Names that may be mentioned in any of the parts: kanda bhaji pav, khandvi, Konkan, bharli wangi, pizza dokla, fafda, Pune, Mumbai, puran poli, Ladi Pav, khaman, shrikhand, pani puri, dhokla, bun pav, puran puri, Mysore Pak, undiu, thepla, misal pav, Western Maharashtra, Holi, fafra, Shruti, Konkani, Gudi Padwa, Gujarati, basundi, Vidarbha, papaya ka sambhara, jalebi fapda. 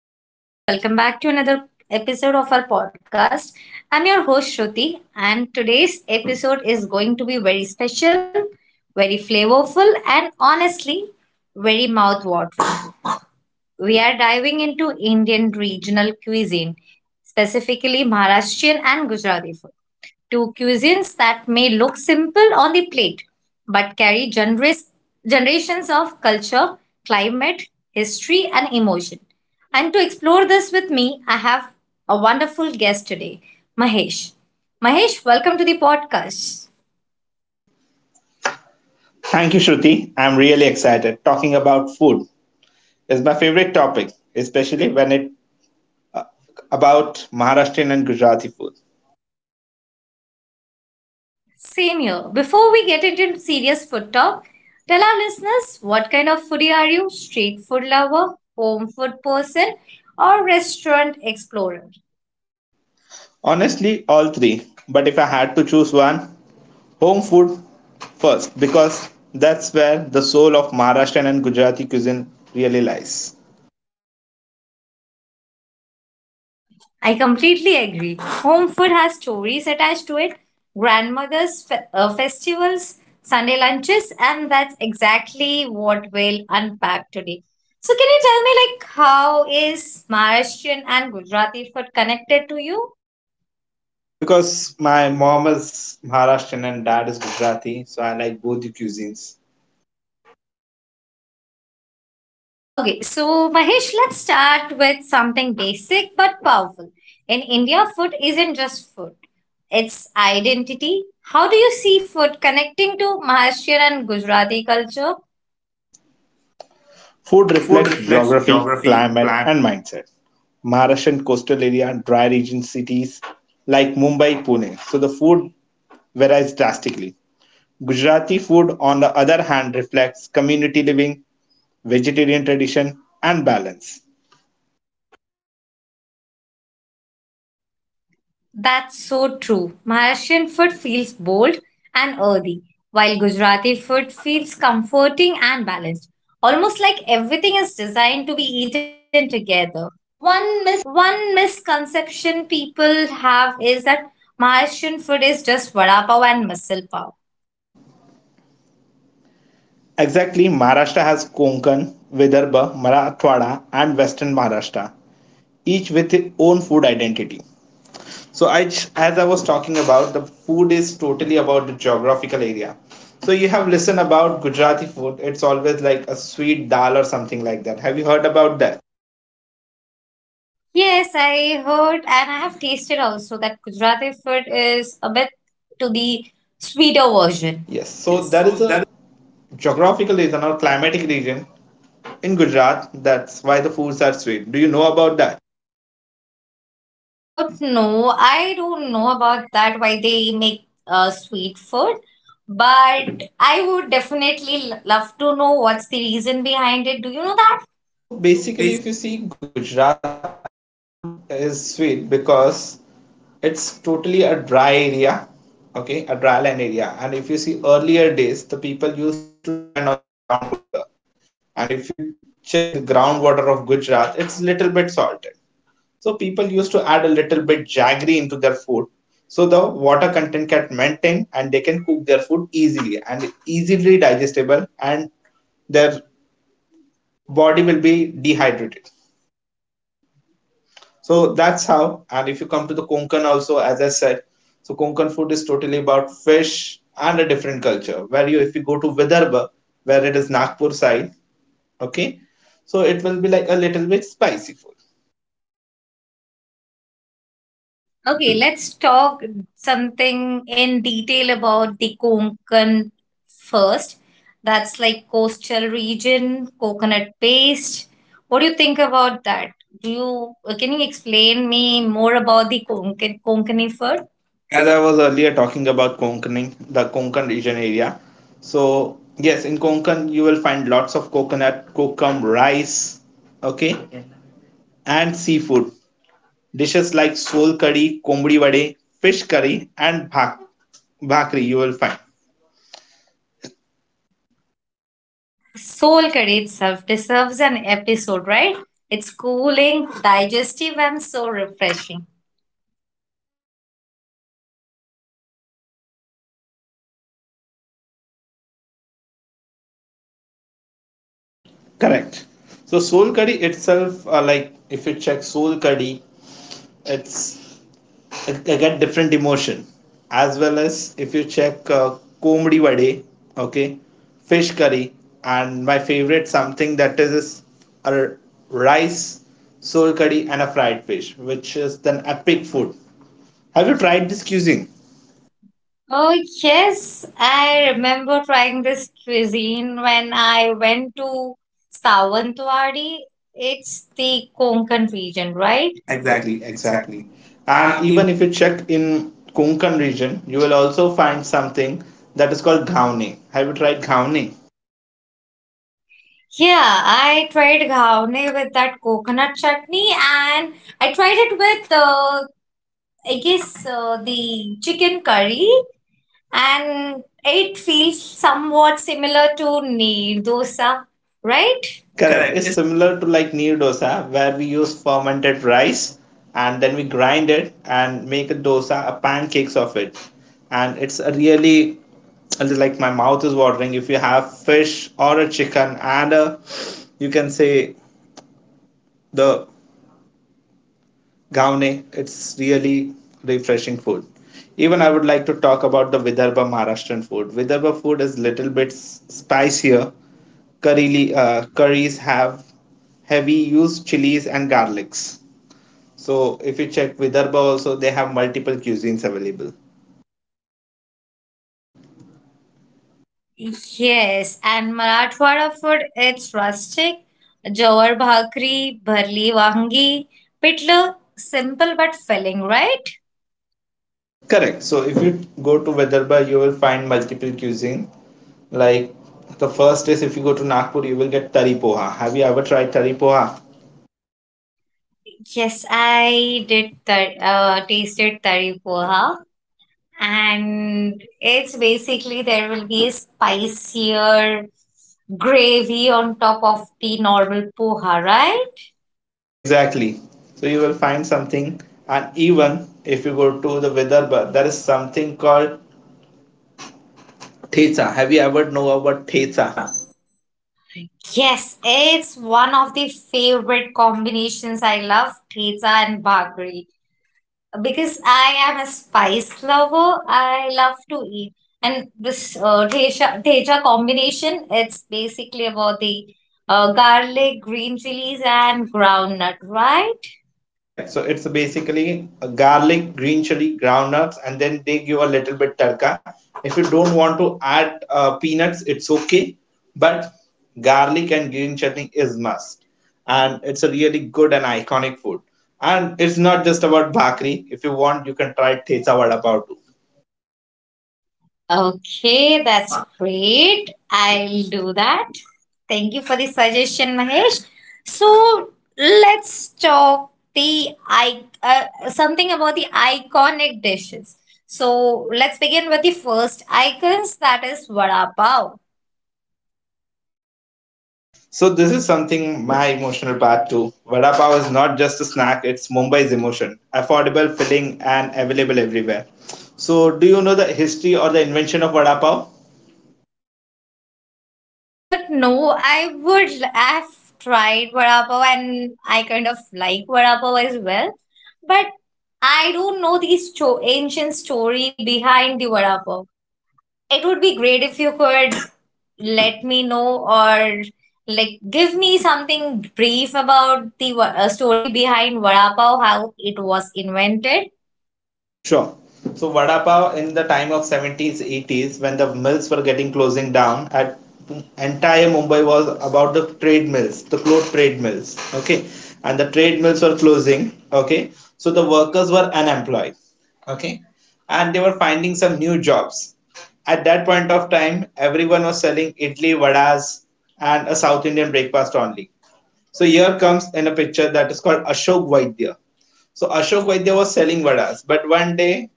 Hello, everyone. Welcome back to another episode of our podcast. I'm your host, Shruti, and today's episode is going to be very special, very flavorful, and honestly, very mouthwatering. We are diving into Indian regional cuisine, specifically Maharashtrian and Gujarati food to cuisines that may look simple on the plate but carry generous, generations of culture, climate, history, and emotion. And to explore this with me, I have a wonderful guest today, Mahesh. Mahesh, welcome to the podcast. Thank you, Shruti. I'm really excited. Talking about food is my favorite topic, especially when it about Maharashtrian and Gujarati food. Same here. Before we get into serious food talk, tell our listeners what kind of foodie are you? Street food lover, home food person, or restaurant explorer? Honestly, all three. But if I had to choose one, home food first, because that's where the soul of Maharashtrian and Gujarati cuisine really lies. I completely agree. Home food has stories attached to it. Grandmother's festivals, Sunday lunches, and that's exactly what we'll unpack today. So, can you tell me, like, how is Maharashtrian and Gujarati food connected to you? Because my mom is Maharashtrian and dad is Gujarati, so I like both the cuisines. Okay, so Mahesh, let's start with something basic but powerful. In India, food isn't just food, it's identity. How do you see food connecting to Maharashtrian and Gujarati culture? Food Food reflects reflects geography, geography, climate, climate, and mindset. Maharashtrian coastal area and dry region cities like Mumbai, Pune. So the food varies drastically. Gujarati food, on the other hand, reflects community living, vegetarian tradition, and balance. that's so true. Malaysian food feels bold and earthy, while Gujarati food feels comforting and balanced. Almost like everything is designed to be eaten together. One miss. One misconception people have is that Malaysian food is just vada pav and misal pav. Exactly, Maharashtra has Konkan, Vidarbha, Marathwada, and Western Maharashtra, each with its own food identity. As I was talking about, the food is totally about the geographical area. So you have listened about Gujarati food. It's always like a sweet dal or something like that. Have you heard about that? Yes, I heard and I have tasted also that Gujarati food is a bit to the sweeter version. Yes. So Yes. that is So there a geographical region or climatic region in Gujarat. That's why the foods are sweet. Do you know about that? No, I don't know about that, why they make sweet food, but I would definitely love to know what's the reason behind it. Do you know that? So So basically, basically, if you see Gujarati food is sweet because it's totally a dry area, okay, a dry land area. And if you see earlier days, the people used to depend on the groundwater. And if you check the groundwater of Gujarat, it's little bit salted. So people used to add a little bit jaggery into their food so the water content can maintain and they can cook their food easily and easily digestible and their body will be dehydrated. So that's how. And if you come to the Konkan also, as I said, so Konkan food is totally about fish and a different culture. If you go to Vidarbha, where it is Nagpur side, okay, so it will be like a little bit spicy food. okay, let's talk something in detail about the Konkan first. That's like coastal region, coconut paste. What do you think about that? Do you can you explain me more about the Konkani food? As I was earlier talking about Konkan, the Konkan region area, so yes, in Konkan you will find lots of coconut, kokum rice, okay, and seafood dishes like sol curry, kombri vade, fish curry, and bhakri, you will find. Soul curry itself deserves an episode, right? It's cooling, digestive, and so refreshing. Correct. So sol curry itself, like if you check sol curry, it's I, get different emotion. As well as if you check komdi vade, okay, fish curry, and my favorite something that is a rice, soul curry, and a fried fish, which is an epic food. Have you tried this cuisine? Oh, yes, I remember trying this cuisine when I went to Sawantwadi. It's the Konkan region, right? Exactly, Exactly, exactly. exactly. And And even even if you check in Konkan region, you will also find something that is called ghauni. Have you tried ghauni? yeah, I tried ghawne with that coconut chutney and I tried it with, I guess, the chicken curry. And it feels somewhat similar to Neer dosa, right? Correct. It's Correct. similar to like neer dosa, where we use fermented rice and then we grind it and make a dosa, a pancakes of it. And it's a really, like my mouth is watering if you have fish or a chicken and a, you can say, the gaune, it's really refreshing food. Even I would like to talk about the Vidarbha Maharashtrian food. Vidarbha food is little bit spicier curry, curries have heavy used chilies and garlics. So if you check Vidarbha also, they have multiple cuisines available. It's yes, and Marathwada food, it's rustic. Jawar bhakri, bharli wangi, pitla, simple but filling, right? Correct. So if you go to Vidarbha, you will find multiple cuisine. Like the first is if you go to Nagpur, you will get tari poha. Have you ever tried tari poha? Yes, I did tasted tari poha, and it's basically there will be a spicier gravy on top of the normal poha, right? Exactly. So you will find something. And even if you go to the Vidarbha, there is something called theta. Have you ever know about theta? Pizza. Yes, it's one of the favorite combinations. I love pizza and bagri because I am a spice lover. I love to eat, and this teja teja combination. It's basically about the garlic, green chilies, and groundnut, right? Correct. So it's basically a garlic, green chili, groundnuts, and then they give a little bit tadka. If you don't want to add peanuts, it's okay, but garlic and green chutney is must. And it's a really good and iconic food. And it's not just about bhakri. If you want, you can try thecha vada pav too. Okay, that's great. I'll do that. Thank you for the suggestion, Mahesh. So let's talk the I something about the iconic dishes. So let's begin with the first icons that is vada pav. So this is something my emotional part too. Vada pav is not just a snack; it's Mumbai's emotion. Affordable, filling, and available everywhere. So, do you know the history or the invention of vada pav? No, I would. I've tried vada pav and I kind of like vada pav as well, but I don't know the ancient story behind the vada pav. It would be great if you could let me know or like give me something brief about the story behind vada pav, how it was invented. Sure. So vada pav in the time of 70s, 80s, when the mills were getting closing down, at entire Mumbai was about the trade mills, the cloth trade mills. Okay, and the trade mills were closing. Okay, so the workers were unemployed. Okay, and they were finding some new jobs. At that point of time, everyone was selling idli, vadas, and a South Indian breakfast only. So here comes in a picture that is called Ashok Vaidya. So Ashok Vaidya was selling vadas, but one day,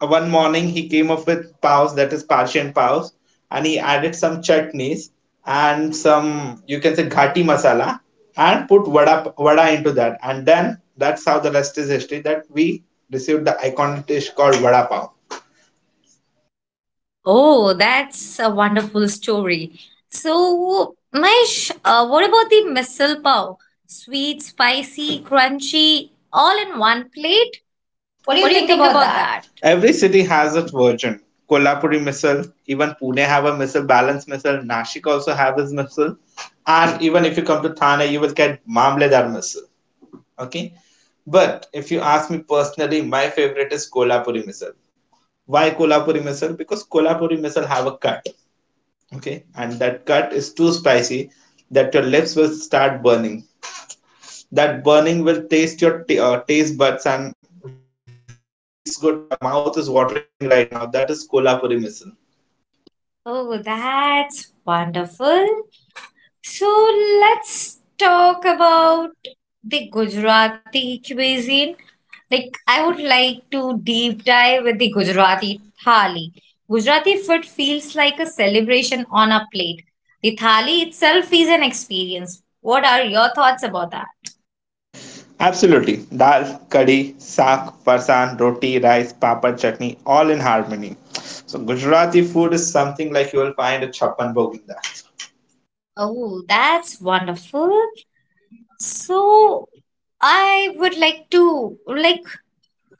one morning, he came up with paos, that is Persian paos, and he added some chutneys and some, you can say, ghati masala, and put vada into that, and then that's how the rest is history. That we received the iconic dish called vada pav. Oh, that's a wonderful story. So, Mahesh, what about the misal pav? Sweet, spicy, crunchy, all in one plate? What do What you do you think think about about that? that? Every city has its version. Kolhapuri missile, even Pune have a missile, balance missile, Nashik also have his missile. And even if you come to Thane, you will get Mamledar missile. Okay? But if you ask me personally, my favorite is Kolhapuri missile. Why Kolhapuri missile? Because Kolhapuri missile have a cut. Okay? And that cut is too spicy that your lips will start burning, that burning will taste your taste buds, and really it's good, my mouth is watering right now, that is kolhapuri misal. Oh, that's wonderful. So let's talk about the Gujarati cuisine. Like I would like to deep dive with the Gujarati thali. Gujarati food feels like a celebration on a plate. The thali itself is an experience. What are your thoughts about that? Absolutely. Dal, kadhi, saag, parsan, roti, rice, papad, chutney, all in harmony. So Gujarati food is something like you will find a chapan bhog in that. Oh, that's wonderful. So I would like to like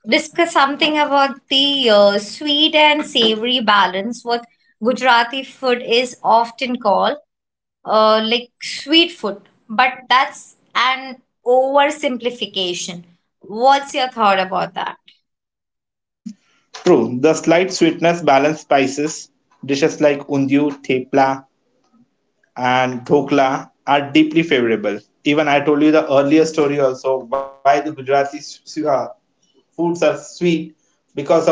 discuss something about the sweet and savory balance what Gujarati food is often called like sweet food, but that's an oversimplification. What's your thought about that? True, the slight sweetness, balanced spices, dishes like undiu, thepla, and dhokla are deeply favorable. Even I told you the earlier story also, why the Gujarati foods are sweet, because of the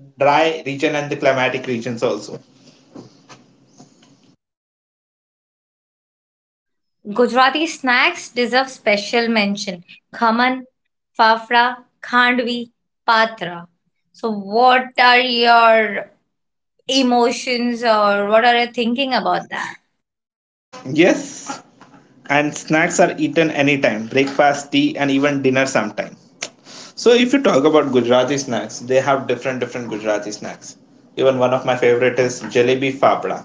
dry region and the climatic regions also. Gujarati snacks deserve special mention. Khaman, fafra, khandvi, patra. So, what are your emotions or what are you thinking about that? Yes, and snacks are eaten anytime, breakfast, tea, and even dinner sometime. So if you talk about Gujarati snacks, they have different different Gujarati snacks. Even one of my favorite is jalebi fapda.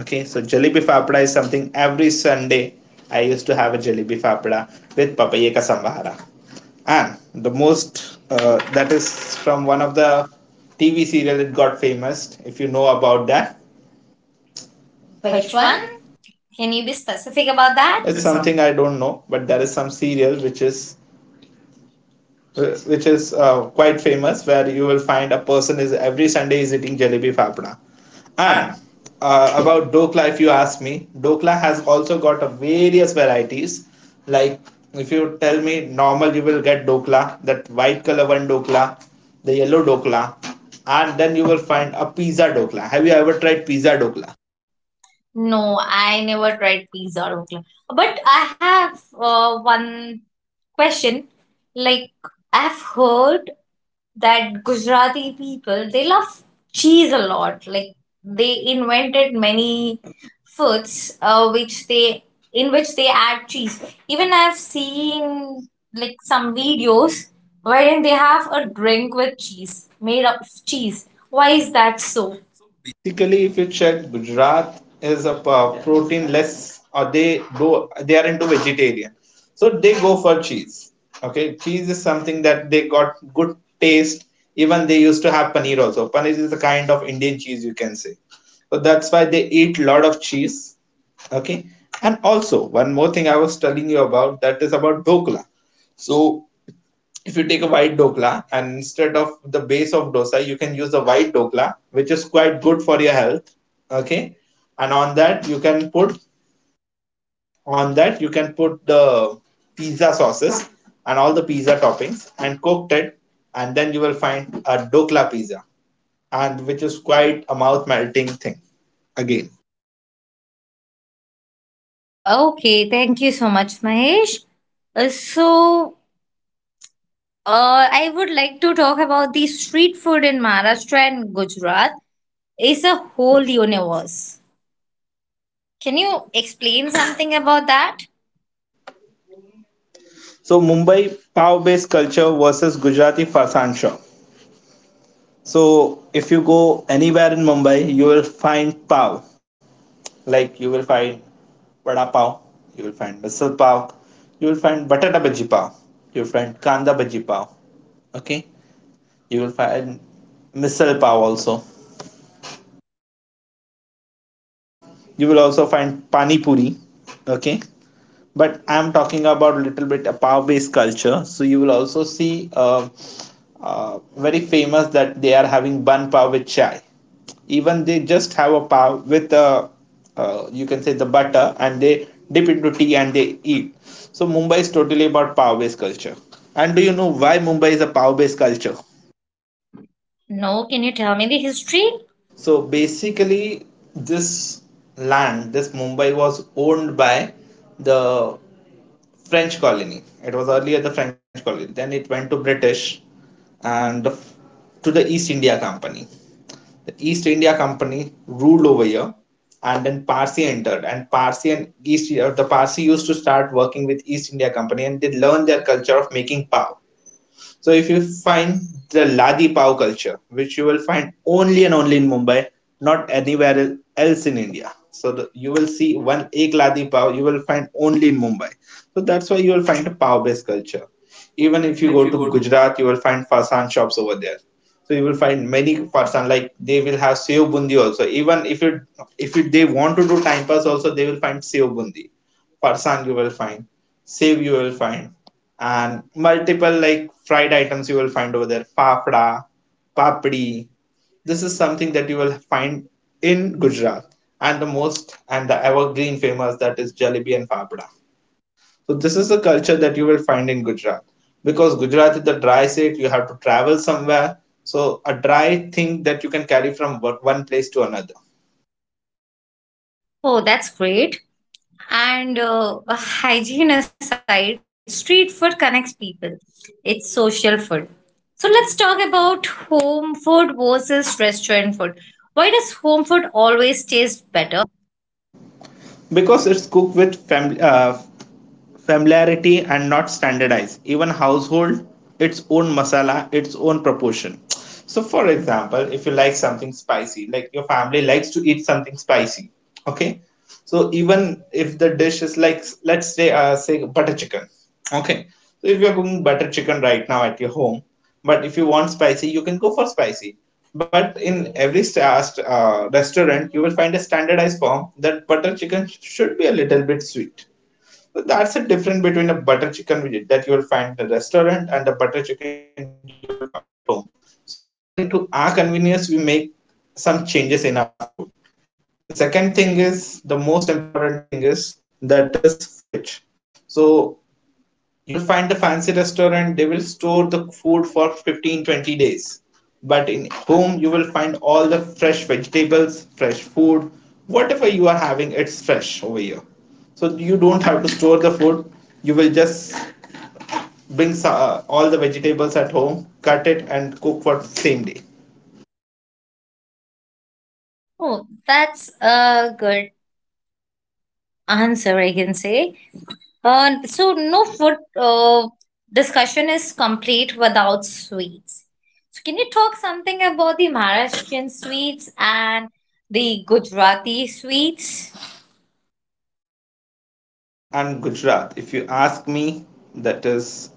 Okay, so jalebi fapda is something every Sunday I used to have a jalebi fapda with papaya ka sambhara. And the most that is from one of the TV serial it got famous. If you know about that, which Which one? one? Can you be specific about that? It's It's a something I don't know, but there is some serial which is quite famous, where you will find a person is every Sunday is eating jalebi fapda. And man. About dokla, if you ask me, dokla has also got a various varieties. Like if you tell me normal, you will get dokla, that white color one dokla, the yellow dokla, and then you will find a pizza dokla. Have you ever tried pizza dokla? No, I never tried pizza or Oakland. But I have one question. Like, I've heard that Gujarati people they love cheese a lot. Like they invented many foods which they in which they add cheese. Even I've seen like some videos wherein they have a drink with cheese made up of cheese. Why is that so? Basically, if you check, Gujarat is a protein-less, or they go, they are into vegetarian, so they go for cheese. Okay, cheese is something that they got good taste. Even they used to have paneer also. Paneer is a kind of Indian cheese, you can say. So that's why they eat lot of cheese. Okay, and also one more thing I was telling you about that is about dhokla. So if you take a white dokla and instead of the base of dosa you can use the white dokla, which is quite good for your health. Okay, and on that you can put, on that you can put the pizza sauces and all the pizza toppings and cooked it, and then you will find a dokla pizza, and which is quite a mouth melting thing again. Okay, thank you so much, Mahesh. Uh, so, I would like to talk about the street food in Maharashtra and Gujarat. It's a whole universe. Can you explain something about that? So Mumbai pav based culture versus Gujarati fasan shop. So if you go anywhere in Mumbai, you will find pav. Like you will find vada pav, you will find misal pav, you will find batata bhaji pav, you will find kanda bhaji pav. Okay, you will find misal pav also. You will also find pani puri. Okay, but I'm talking about little bit a pav based culture. So you will also see, very famous that they are having bun pav with chai. Even they just have a pav with, you can say, the butter, and they dip into tea and they eat. So Mumbai is totally about pav based culture. And do you know why Mumbai is a pav based culture? No, can you tell me the history? So basically, this land, this Mumbai, was owned by the French colony. It was earlier the French colony, then it went to British, and the, to the East India Company. The East India Company ruled over here, and then Parsi entered, and Parsi and East the Parsi used to start working with East India Company, and they learned their culture of making pav. So if you find the Ladi Pav culture, which you will find only and only in Mumbai, not anywhere else in India. So the, you will see one ek Ladi Pav you will find only in Mumbai. So that's why you will find a Pav based culture. Even if Even you if go you to go to Gujarat, you will find Farsan shops over there. So you will find many Farsan, like they will have Sev Bundi also. Even if you, they want to do time pass also. They will find Sev Bundi farsan you will find, save you will find, and multiple like fried items you will find over there, fafda, papdi. This is something that you will find in Gujarat, and the most and the evergreen famous that is jalebi and fafda. So this is the culture that you will find in Gujarat because Gujarat is the dry state. You have to travel somewhere, so a dry thing that you can carry from one place to another oh, that's great. And hygiene aside, street food connects people. It's social food. So let's talk about home food versus restaurant food. Why does home food always taste better? because it's cooked with family familiarity and not standardized. Even household, its own masala, its own proportion. So, for example, if you like something spicy, like your family likes to eat something spicy, okay? So, even if the dish is like, let's say, say butter chicken, okay? So, if you're cooking butter chicken right now at your home, but if you want spicy, you can go for spicy. But in every restaurant, you will find a standardized form that butter chicken should be a little bit sweet. So that's the difference between a butter chicken that you will find in the restaurant and the butter chicken you will find at home. So according to our convenience, we make some changes in our food. The second thing is, the most important thing is, that is fridge. So you'll find the fancy restaurant, they will store the food for 15, 20 days, but in home you will find all the fresh vegetables, fresh food, whatever you are having, it's fresh over here. So you don't have to store the food, you will just bring all the vegetables at home, cut it and cook for same day. Oh, that's a good answer, I can say. So no food discussion is complete without sweets. So can you talk something about the Maharashtrian sweets and the Gujarati sweets? So Maharashtra and Gujarat, if you ask me, that is,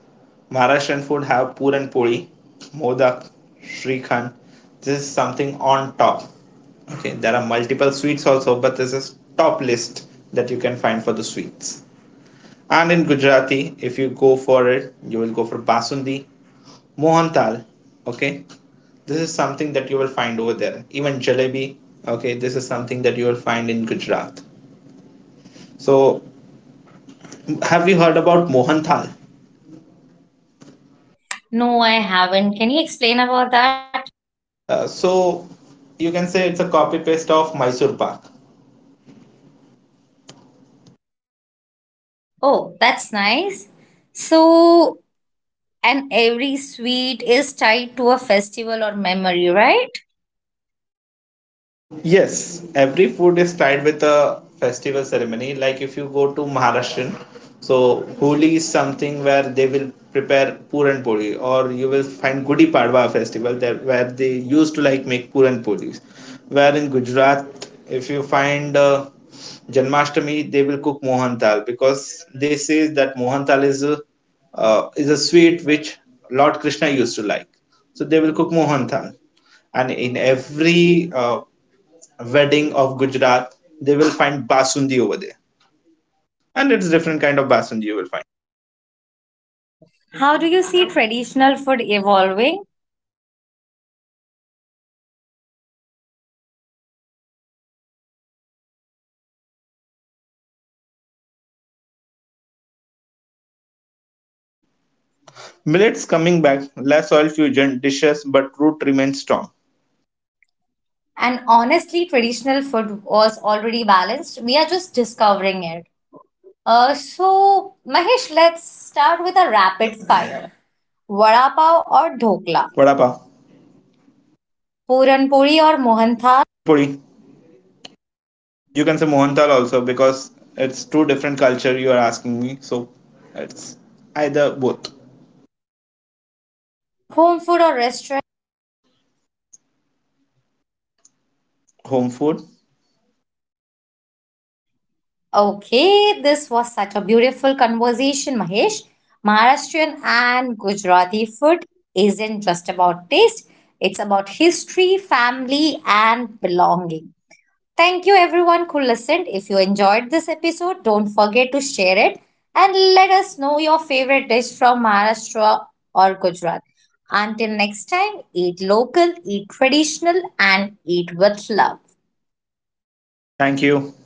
Maharashtrian food have puran poli, modak, shrikhand. This is something on top. Okay, there are multiple sweets also, but this is top list that you can find for the sweets. And in Gujarati, if you go for it, you will go for basundi, mohantal. Okay, this is something that you will find over there. Even jalebi. Okay, this is something that you will find in Gujarat. So have you heard about Mohan Thal? No, I haven't. Can you explain about that? So you can say it's a copy paste of Mysore Pak. Oh, that's nice. So and every sweet is tied to a festival or memory, right? Yes, every food is tied with a festival ceremony. Like if you go to Maharashtrian, so Holi is something where they will prepare Puran Poli, or you will find Gudi Padwa festival there where they used to like make Puran Polis. Where in Gujarat, if you find Janmashtami, they will cook Mohan Dal because they say that Mohan Dal is a sweet which Lord Krishna used to like. So they will cook Mohan Dal and in every wedding of Gujarat, they will find basundi over there. And it's different kind of basundi you will find. How do you see traditional food evolving? Millets coming back, less oil fusion dishes, but root remains strong. And honestly, traditional food was already balanced. We are just discovering it. So, Mahesh, let's start with a rapid fire. Vada pav or dhokla? Vada pav, Puran puri or mohan thal? puran puri. Or You can say Mohanthal also because it's two different culture you are asking me. So it's either both. home food or restaurant? Home food. Okay, this was such a beautiful conversation, Mahesh. Maharashtrian and Gujarati food isn't just about taste, it's about history, family, and belonging. Thank you, everyone who listened. If you enjoyed this episode, don't forget to share it and let us know your favorite dish from Maharashtra or Gujarat. Until next time, eat local, eat traditional, and eat with love. Thank you.